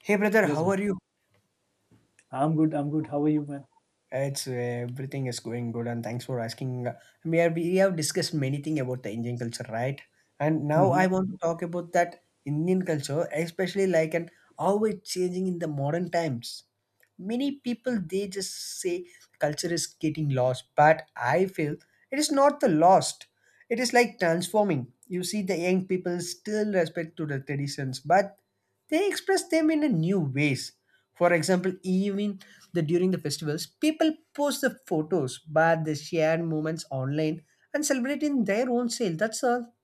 Hey brother, Let's how go. are you? I'm good. I'm good. How are you, man? It's Everything is going good, and thanks for asking. We have discussed many things about the Indian culture, right? And now hmm I want to talk about that Indian culture, especially like and how it's changing in the modern times. Many people they just say culture is getting lost, but I feel it is not the lost. It is like transforming. You see, the young people still respect to the traditions, but they express them in a new ways, for example, even the during the festivals people post the photos but they share moments online and celebrate in their own style. That's all.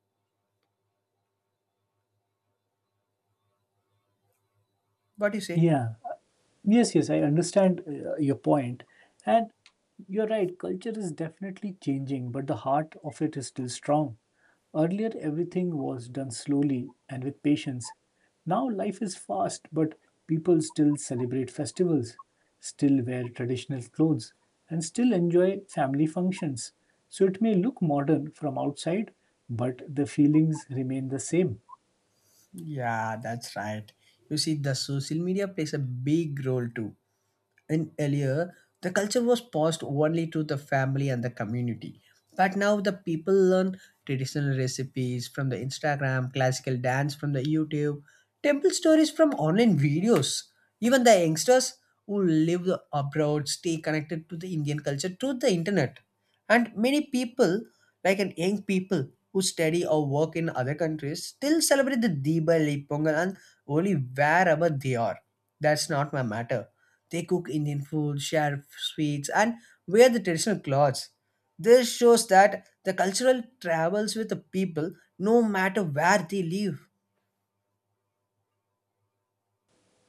What do you say? Yeah. Yes, yes. I understand your point, and you're right. Culture is definitely changing, but the heart of it is still strong. Earlier, everything was done slowly and with patience. Now, life is fast, but people still celebrate festivals, still wear traditional clothes, and still enjoy family functions. So, it may look modern from outside, but the feelings remain the same. Yeah, that's right. You see, the social media plays a big role too. In earlier, the culture was passed only to the family and the community, but now the people learn traditional recipes from the Instagram, classical dance from the YouTube, temple stories from online videos. Even the youngsters who live abroad stay connected to the Indian culture through the internet, and many people like an young people who study or work in other countries still celebrate the Diwali, Pongal and only wherever they are. That's not my matter. They cook Indian food, share sweets, and wear the traditional clothes. This shows that the cultural travels with the people no matter where they live.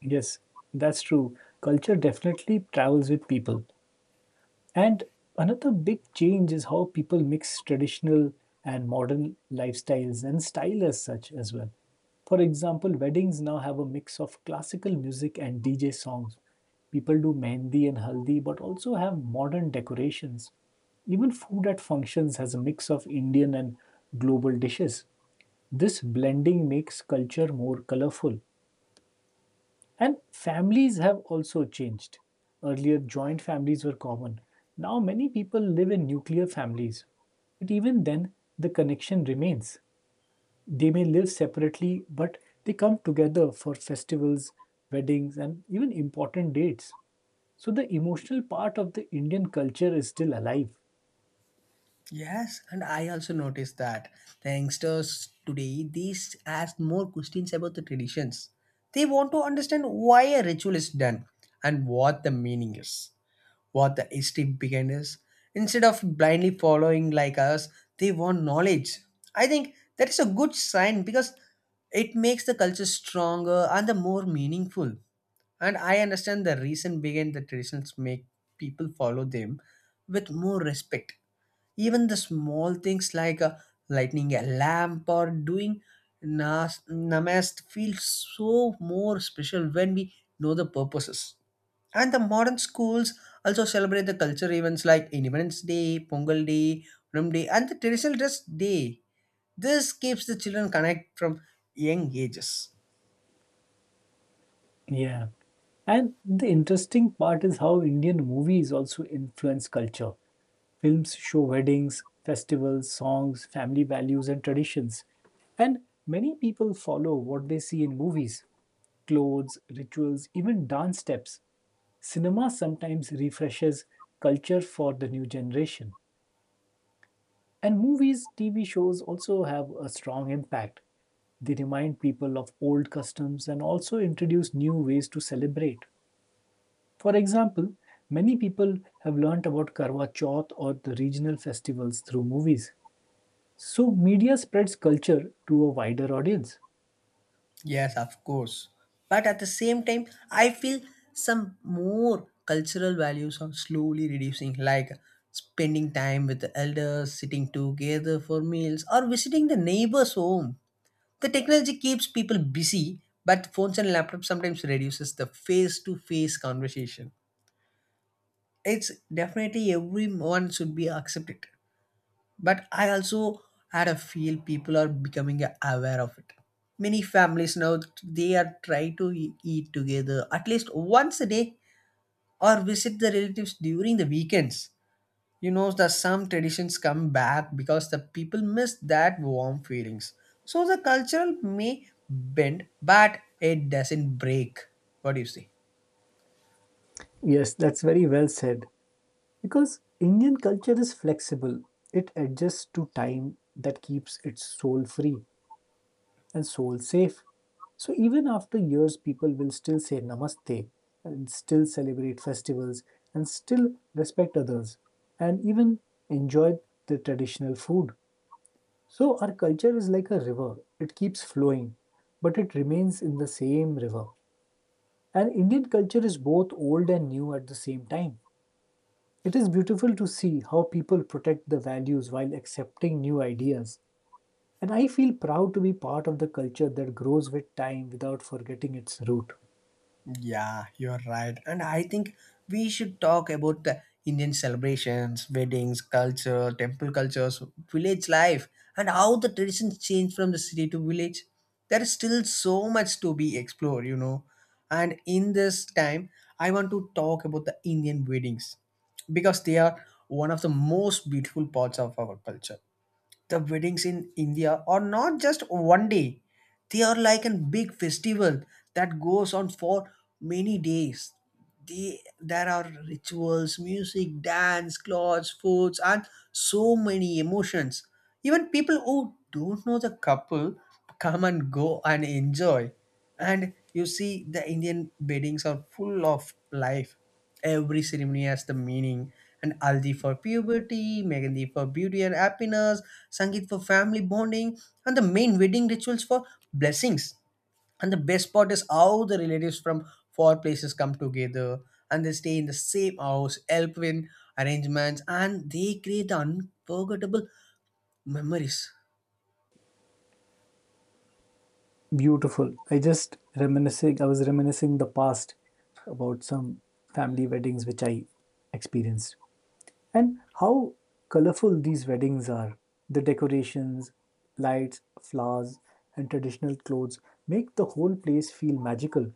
Yes, that's true. Culture definitely travels with people. And another big change is how people mix traditional and modern lifestyles and style as such as well. For example, weddings now have a mix of classical music and DJ songs. People do mehndi and haldi, but also have modern decorations. Even food at functions has a mix of Indian and global dishes. This blending makes culture more colorful. And families have also changed. Earlier, joint families were common. Now, many people live in nuclear families. But even then, the connection remains. They may live separately, but they come together for festivals, weddings, and even important dates. So, the emotional part of the Indian culture is still alive. Yes, and I also noticed that the youngsters today these ask more questions about the traditions. They want to understand why a ritual is done and what the meaning is, what the history behind is. Instead of blindly following like us, they want knowledge. I think that is a good sign because it makes the culture stronger and the more meaningful. And I understand the reason behind the traditions make people follow them with more respect. Even the small things like lighting a lamp or doing namaste feel so more special when we know the purposes. And the modern schools also celebrate the culture events like Independence Day, Pongal Day, Ram Day, and the traditional dress day. This keeps the children connect from young ages. Yeah. And the interesting part is how Indian movies also influence culture. Films show weddings, festivals, songs, family values, and traditions. And many people follow what they see in movies: clothes, rituals, even dance steps. Cinema sometimes refreshes culture for the new generation. And movies, TV shows also have a strong impact. They remind people of old customs and also introduce new ways to celebrate. For example, many people have learnt about Karwa Chauth or the regional festivals through movies. So, media spreads culture to a wider audience. Yes, of course. But at the same time, I feel some more cultural values are slowly reducing, like spending time with the elders, sitting together for meals, or visiting the neighbor's home. The technology keeps people busy, but phones and laptops sometimes reduces the face-to-face conversation. It's definitely everyone should be accepted, but I also had a feel people are becoming aware of it. Many families now, they are trying to eat together at least once a day or visit the relatives during the weekends. You know that some traditions come back because the people miss that warm feelings. So the cultural may bend but it doesn't break. What do you say? Yes, that's very well said. Because Indian culture is flexible, it adjusts to time that keeps its soul free and soul safe. So even after years, people will still say namaste and still celebrate festivals and still respect others and even enjoy the traditional food. So our culture is like a river, it keeps flowing, but it remains in the same river. And Indian culture is both old and new at the same time. It is beautiful to see how people protect the values while accepting new ideas. And I feel proud to be part of the culture that grows with time without forgetting its root. Yeah, you're right. And I think we should talk about the Indian celebrations, weddings, culture, temple cultures, village life, and how the traditions change from the city to village. There is still so much to be explored, you know. And in this time, I want to talk about the Indian weddings because they are one of the most beautiful parts of our culture. The weddings in India are not just one day, they are like a big festival that goes on for many days. There are rituals, music, dance, clothes, foods, and so many emotions. Even people who don't know the couple come and go and enjoy. And you see, the Indian weddings are full of life. Every ceremony has the meaning. And Aldi for puberty, Mehndi for beauty and happiness, Sangeet for family bonding, and the main wedding rituals for blessings. And the best part is how the relatives from four places come together, and they stay in the same house, help in arrangements, and they create the unforgettable memories. Beautiful. I was reminiscing the past about some family weddings which I experienced. And how colorful these weddings are. The decorations, lights, flowers, and traditional clothes make the whole place feel magical.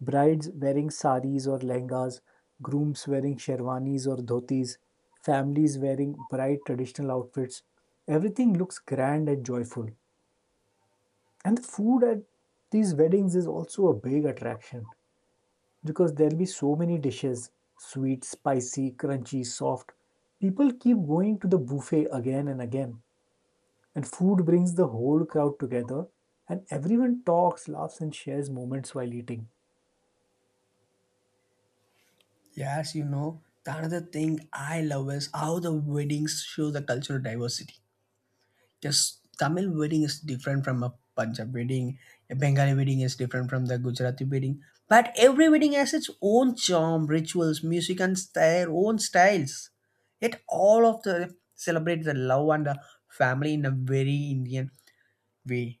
Brides wearing saris or lehengas, grooms wearing sherwanis or dhotis, families wearing bright traditional outfits. Everything looks grand and joyful. And the food at these weddings is also a big attraction because there'll be so many dishes: sweet, spicy, crunchy, soft. People keep going to the buffet again and again, and food brings the whole crowd together, and everyone talks, laughs, and shares moments while eating. Yes, you know, the another thing I love is how the weddings show the cultural diversity. Just Tamil wedding is different from a Punjab wedding. A Bengali wedding is different from the Gujarati wedding. But every wedding has its own charm, rituals, music, and their own styles. Yet all of the celebrate the love and the family in a very Indian way.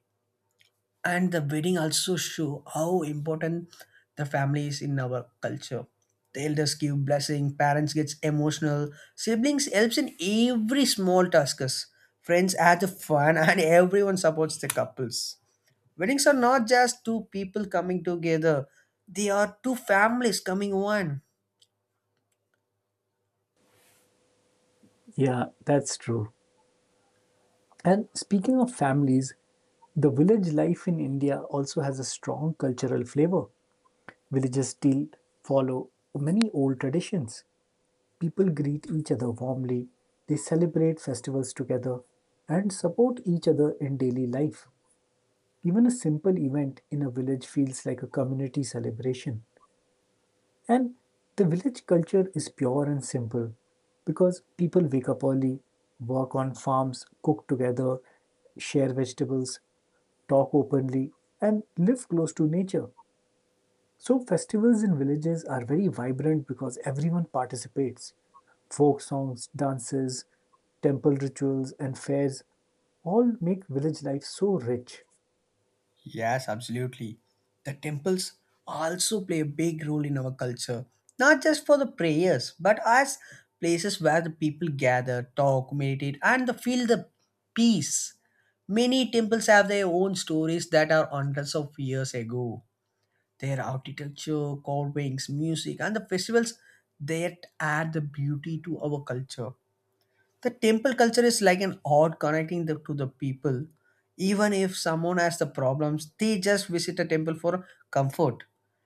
And the wedding also show how important the family is in our culture. The elders give blessing, parents gets emotional, siblings helps in every small tasks, friends add the fun, and everyone supports the couples. Weddings are not just two people coming together, they are two families coming one. Yeah, that's true. And speaking of families, the village life in India also has a strong cultural flavor. Villages still follow many old traditions. People greet each other warmly, they celebrate festivals together, and support each other in daily life. Even a simple event in a village feels like a community celebration. And the village culture is pure and simple because people wake up early, work on farms, cook together, share vegetables, talk openly, and live close to nature. So, festivals in villages are very vibrant because everyone participates. Folk songs, dances, temple rituals, and fairs all make village life so rich. Yes, absolutely. The temples also play a big role in our culture, not just for the prayers, but as places where the people gather, talk, meditate, and the feel the peace. Many temples have their own stories that are hundreds of years ago. Their architecture, carvings, music, and the festivals that add the beauty to our culture. The temple culture is like an odd connecting the, to the people. Even if someone has the problems, they just visit a temple for comfort.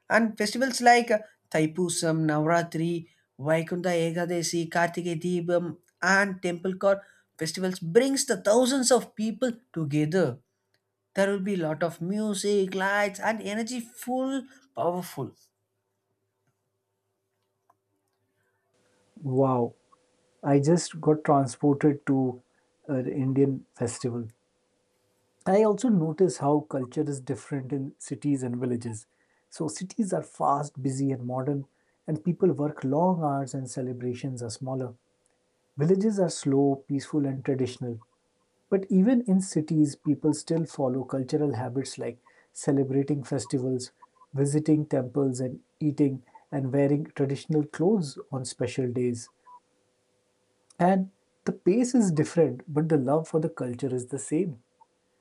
And festivals like Thaipusam, Navratri, Vaikunta Ekadashi, Kartike Deepam, and temple core festivals brings the thousands of people together. There will be lot of music, lights, and energy full, powerful. Wow, I just got transported to an Indian festival. I also notice how culture is different in cities and villages. So, cities are fast, busy, and modern, and people work long hours and celebrations are smaller. Villages are slow, peaceful, and traditional. But even in cities, people still follow cultural habits like celebrating festivals, visiting temples, and eating and wearing traditional clothes on special days. And the pace is different, but the love for the culture is the same.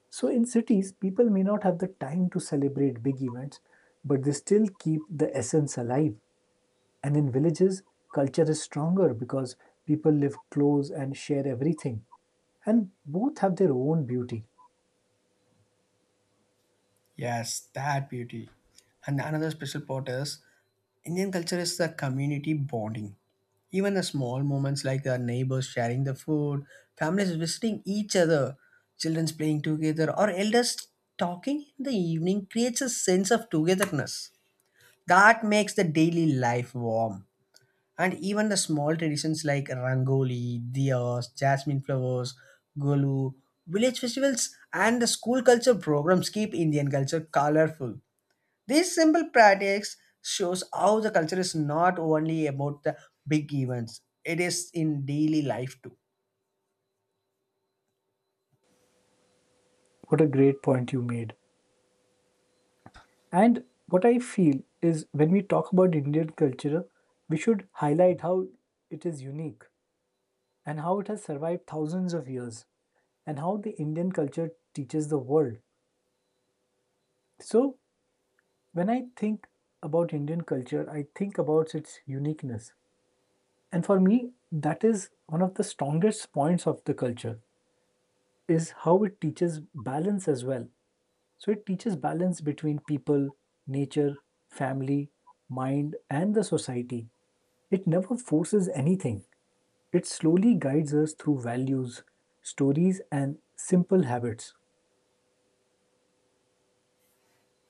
So, in cities, people may not have the time to celebrate big events, but they still keep the essence alive. And in villages, culture is stronger because people live close and share everything and both have their own beauty. Yes, that beauty. And another special part is Indian culture is the community bonding. Even the small moments like the neighbors sharing the food, families visiting each other, childrens playing together, or elders talking in the evening creates a sense of togetherness that makes the daily life warm. And even the small traditions like rangoli, diyas, jasmine flowers, golu, village festivals, and the school culture programs keep Indian culture colorful. These simple practice shows how the culture is not only about the big events; it is in daily life too. What a great point you made. And what I feel is when we talk about Indian culture, we should highlight how it is unique and how it has survived thousands of years and how the Indian culture teaches the world. So, when I think about Indian culture, I think about its uniqueness. And for me, that is one of the strongest points of the culture is how it teaches balance as well. So it teaches balance between people, nature, family, mind, and the society. It never forces anything. It slowly guides us through values, stories, and simple habits.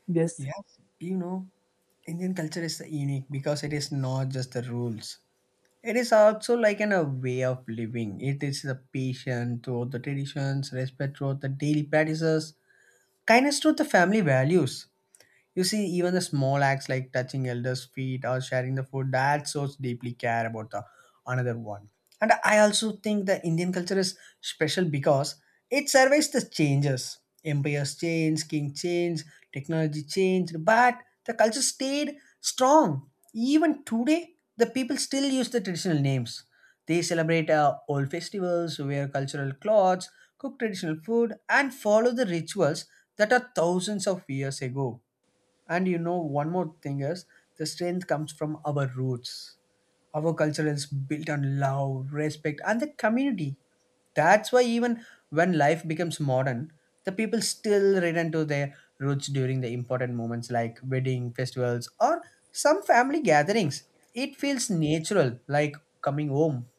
Yes, Yes, you know, Indian culture is unique because it is not just the rules. It is also like a way of living. It is the patience throughout the traditions, respect throughout the daily practices, kindness to the family values. You see, even the small acts like touching elders' feet or sharing the food that shows deeply care about the another one. And I also think the Indian culture is special because it surveys the changes. Empires change, king change, technology changed, but the culture stayed strong. Even today, the people still use the traditional names. They celebrate old festivals, wear cultural clothes, cook traditional food, and follow the rituals that are thousands of years ago. And you know, one more thing is the strength comes from our roots. Our culture is built on love, respect, and the community. That's why even when life becomes modern, the people still return to their roots during the important moments like wedding, festivals, or some family gatherings. It feels natural, like coming home.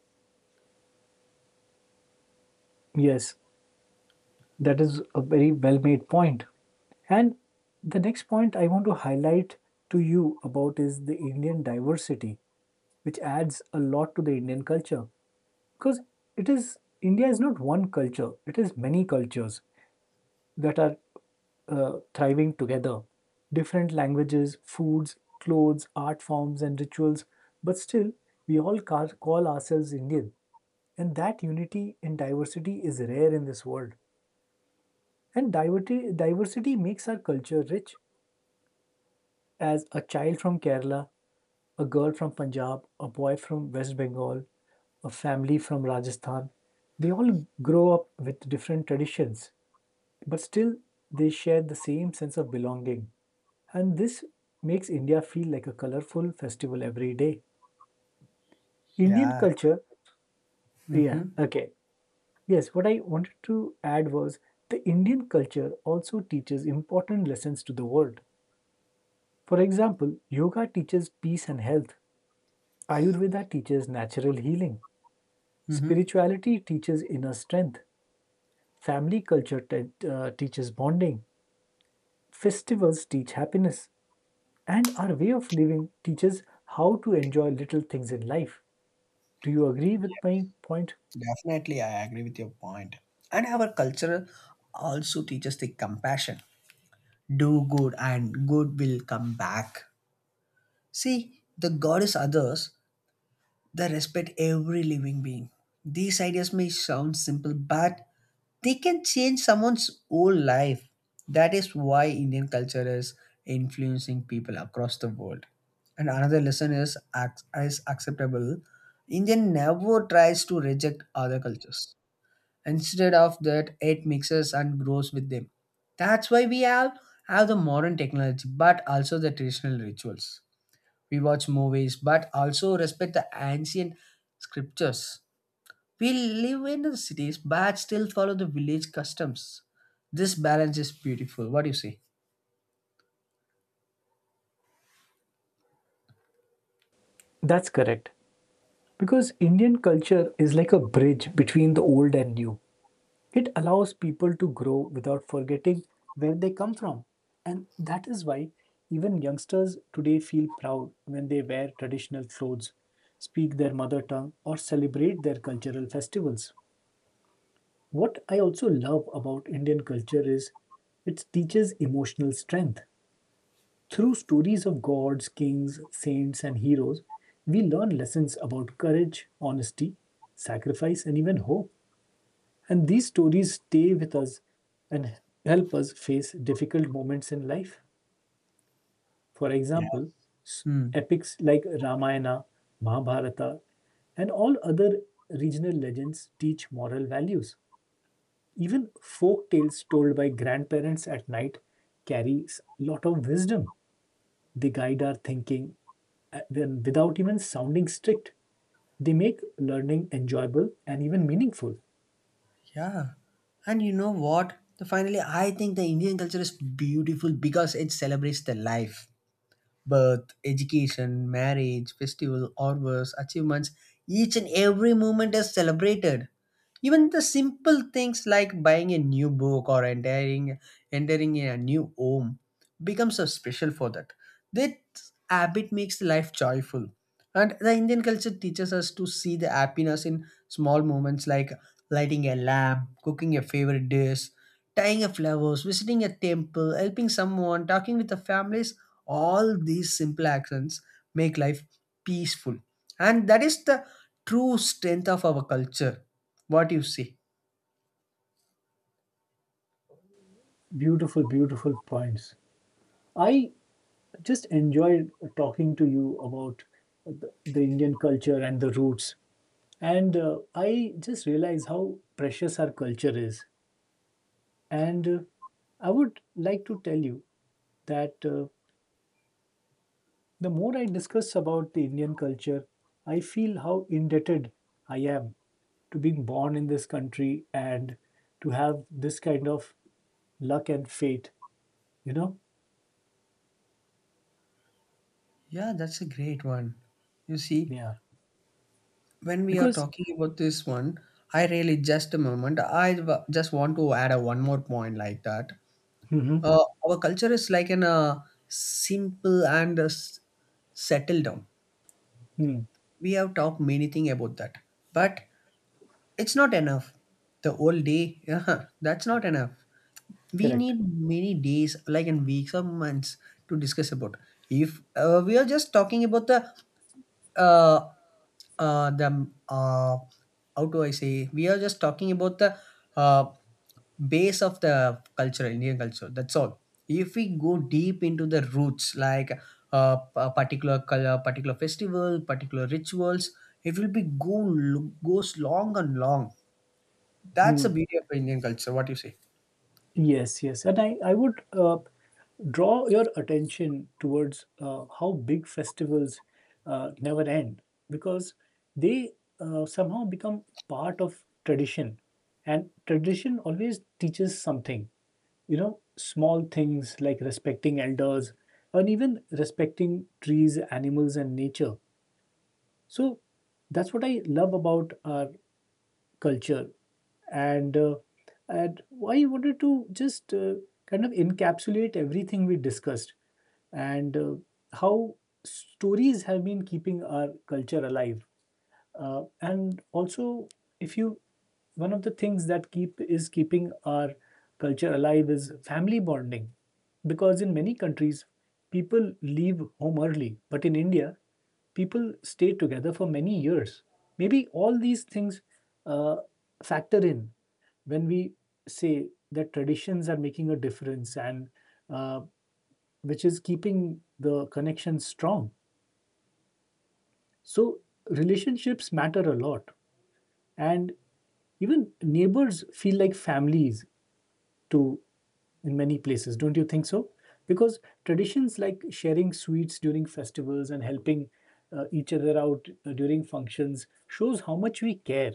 yes, that is a very well made point. And the next point I want to highlight to you about is the Indian diversity, which adds a lot to the Indian culture because it is India is not one culture, it is many cultures that are thriving together: different languages, foods, clothes, art forms, and rituals, but still, we all call ourselves Indian. And that unity in diversity is rare in this world. And diversity makes our culture rich. As a child from Kerala, a girl from Punjab, a boy from West Bengal, a family from Rajasthan, they all grow up with different traditions. But still, they share the same sense of belonging. And this makes India feel like a colorful festival every day. Indian Yeah. culture, yeah, Mm-hmm. okay. Yes, what I wanted to add was the Indian culture also teaches important lessons to the world. For example, yoga teaches peace and health, Ayurveda teaches natural healing, Mm-hmm. spirituality teaches inner strength, teaches bonding, festivals teach happiness, and our way of living teaches how to enjoy little things in life. Do you agree with my point? Definitely, I agree with your point. And our culture also teaches the compassion. Do good and good will come back. See, the goddess others, they respect every living being. These ideas may sound simple, but they can change someone's whole life. That is why Indian culture is influencing people across the world. And another lesson is, is acceptable. Indian never tries to reject other cultures. Instead of that, it mixes and grows with them. That's why we have the modern technology, but also the traditional rituals. We watch movies, but also respect the ancient scriptures. We live in the cities, but still follow the village customs. This balance is beautiful. What do you say? That's correct. Because Indian culture is like a bridge between the old and new. It allows people to grow without forgetting where they come from. And that is why even youngsters today feel proud when they wear traditional clothes, speak their mother tongue, or celebrate their cultural festivals. What I also love about Indian culture is it teaches emotional strength. Through stories of gods, kings, saints, and heroes, we learn lessons about courage, honesty, sacrifice, and even hope. And these stories stay with us and help us face difficult moments in life. For Yeah. example, s- Hmm. epics like Ramayana, Mahabharata, and all other regional legends teach moral values. Even folk tales told by grandparents at night carry a lot of wisdom. They guide our thinking without even sounding strict. They make learning enjoyable and even meaningful. Yeah. And you know what? The finally, I think the Indian culture is beautiful because it celebrates the life, birth, education, marriage, festival, or worse, achievements, each and every moment is celebrated. Even the simple things like buying a new book or entering a new home becomes so special. For that that habit makes life joyful, and the Indian culture teaches us to see the happiness in small moments like lighting a lamp, cooking a favorite dish, tying a flowers, visiting a temple, helping someone, talking with the families. All these simple actions make life peaceful, and that is the true strength of our culture. What you see? Beautiful, beautiful points. I just enjoyed talking to you about the Indian culture and the roots. And I just realize how precious our culture is. And I would like to tell you that the more I discuss about the Indian culture, I feel how indebted I am to being born in this country and to have this kind of luck and fate, you know? Yeah, that's a great one. You see, Yeah. when we are Because, talking about this one, I really just a moment, just want to add a one more point like that. hmm Our culture is like an simple and settle down. hmm, We have talked many things about that, but it's not enough. The whole day. Yeah, that's not enough. We correct. need many days like in weeks or months to discuss about. If we are just talking about uh, the how do I say? We are just talking about the uh, base of the culture, Indian culture. That's all. If we go deep into the roots, like a particular color, particular festival, particular rituals, it will be go goes long and long. That's Hmm. the beauty of Indian culture. What do you say? Yes, yes. And I would draw your attention towards how big festivals never end because they somehow become part of tradition. And tradition always teaches something. You know, small things like respecting elders and even respecting trees, animals, and nature. So that's what I love about our culture, and uh, and I wanted to just kind of encapsulate everything we discussed and how stories have been keeping our culture alive. And also, if you one of the things that keeping our culture alive is family bonding, because in many countries people leave home early, but in India people stay together for many years. Maybe all these things uh, factor in when we say that traditions are making a difference and uh, which is keeping the connection strong. So relationships matter a lot. And even neighbors feel like families to in many places, don't you think so? Because traditions like sharing sweets during festivals and helping each other out during functions shows how much we care,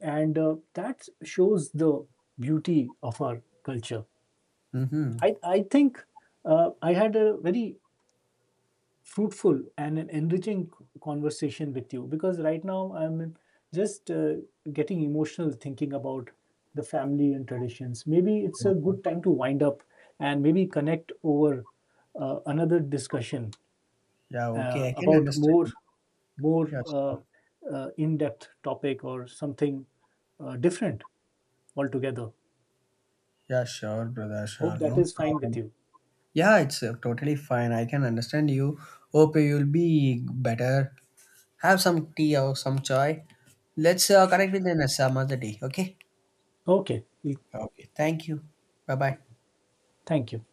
and that shows the beauty of our culture. Mm-hmm. I think I had a very fruitful and an enriching conversation with you because right now I'm just getting emotional thinking about the family and traditions. Maybe it's a good time to wind up and maybe connect over another discussion Yeah. Okay. I can about more understand. more Yeah. uh, Sure. uh, in-depth topic or something different altogether. Yeah. Sure, brother. Sure. Hope that No is fine with problem. you. Yeah, it's totally fine. I can understand you. Hope you'll be better. Have some tea or some chai. Let's connect with the next some other day. Okay. Okay, Okay. Thank you. Bye bye. thank you.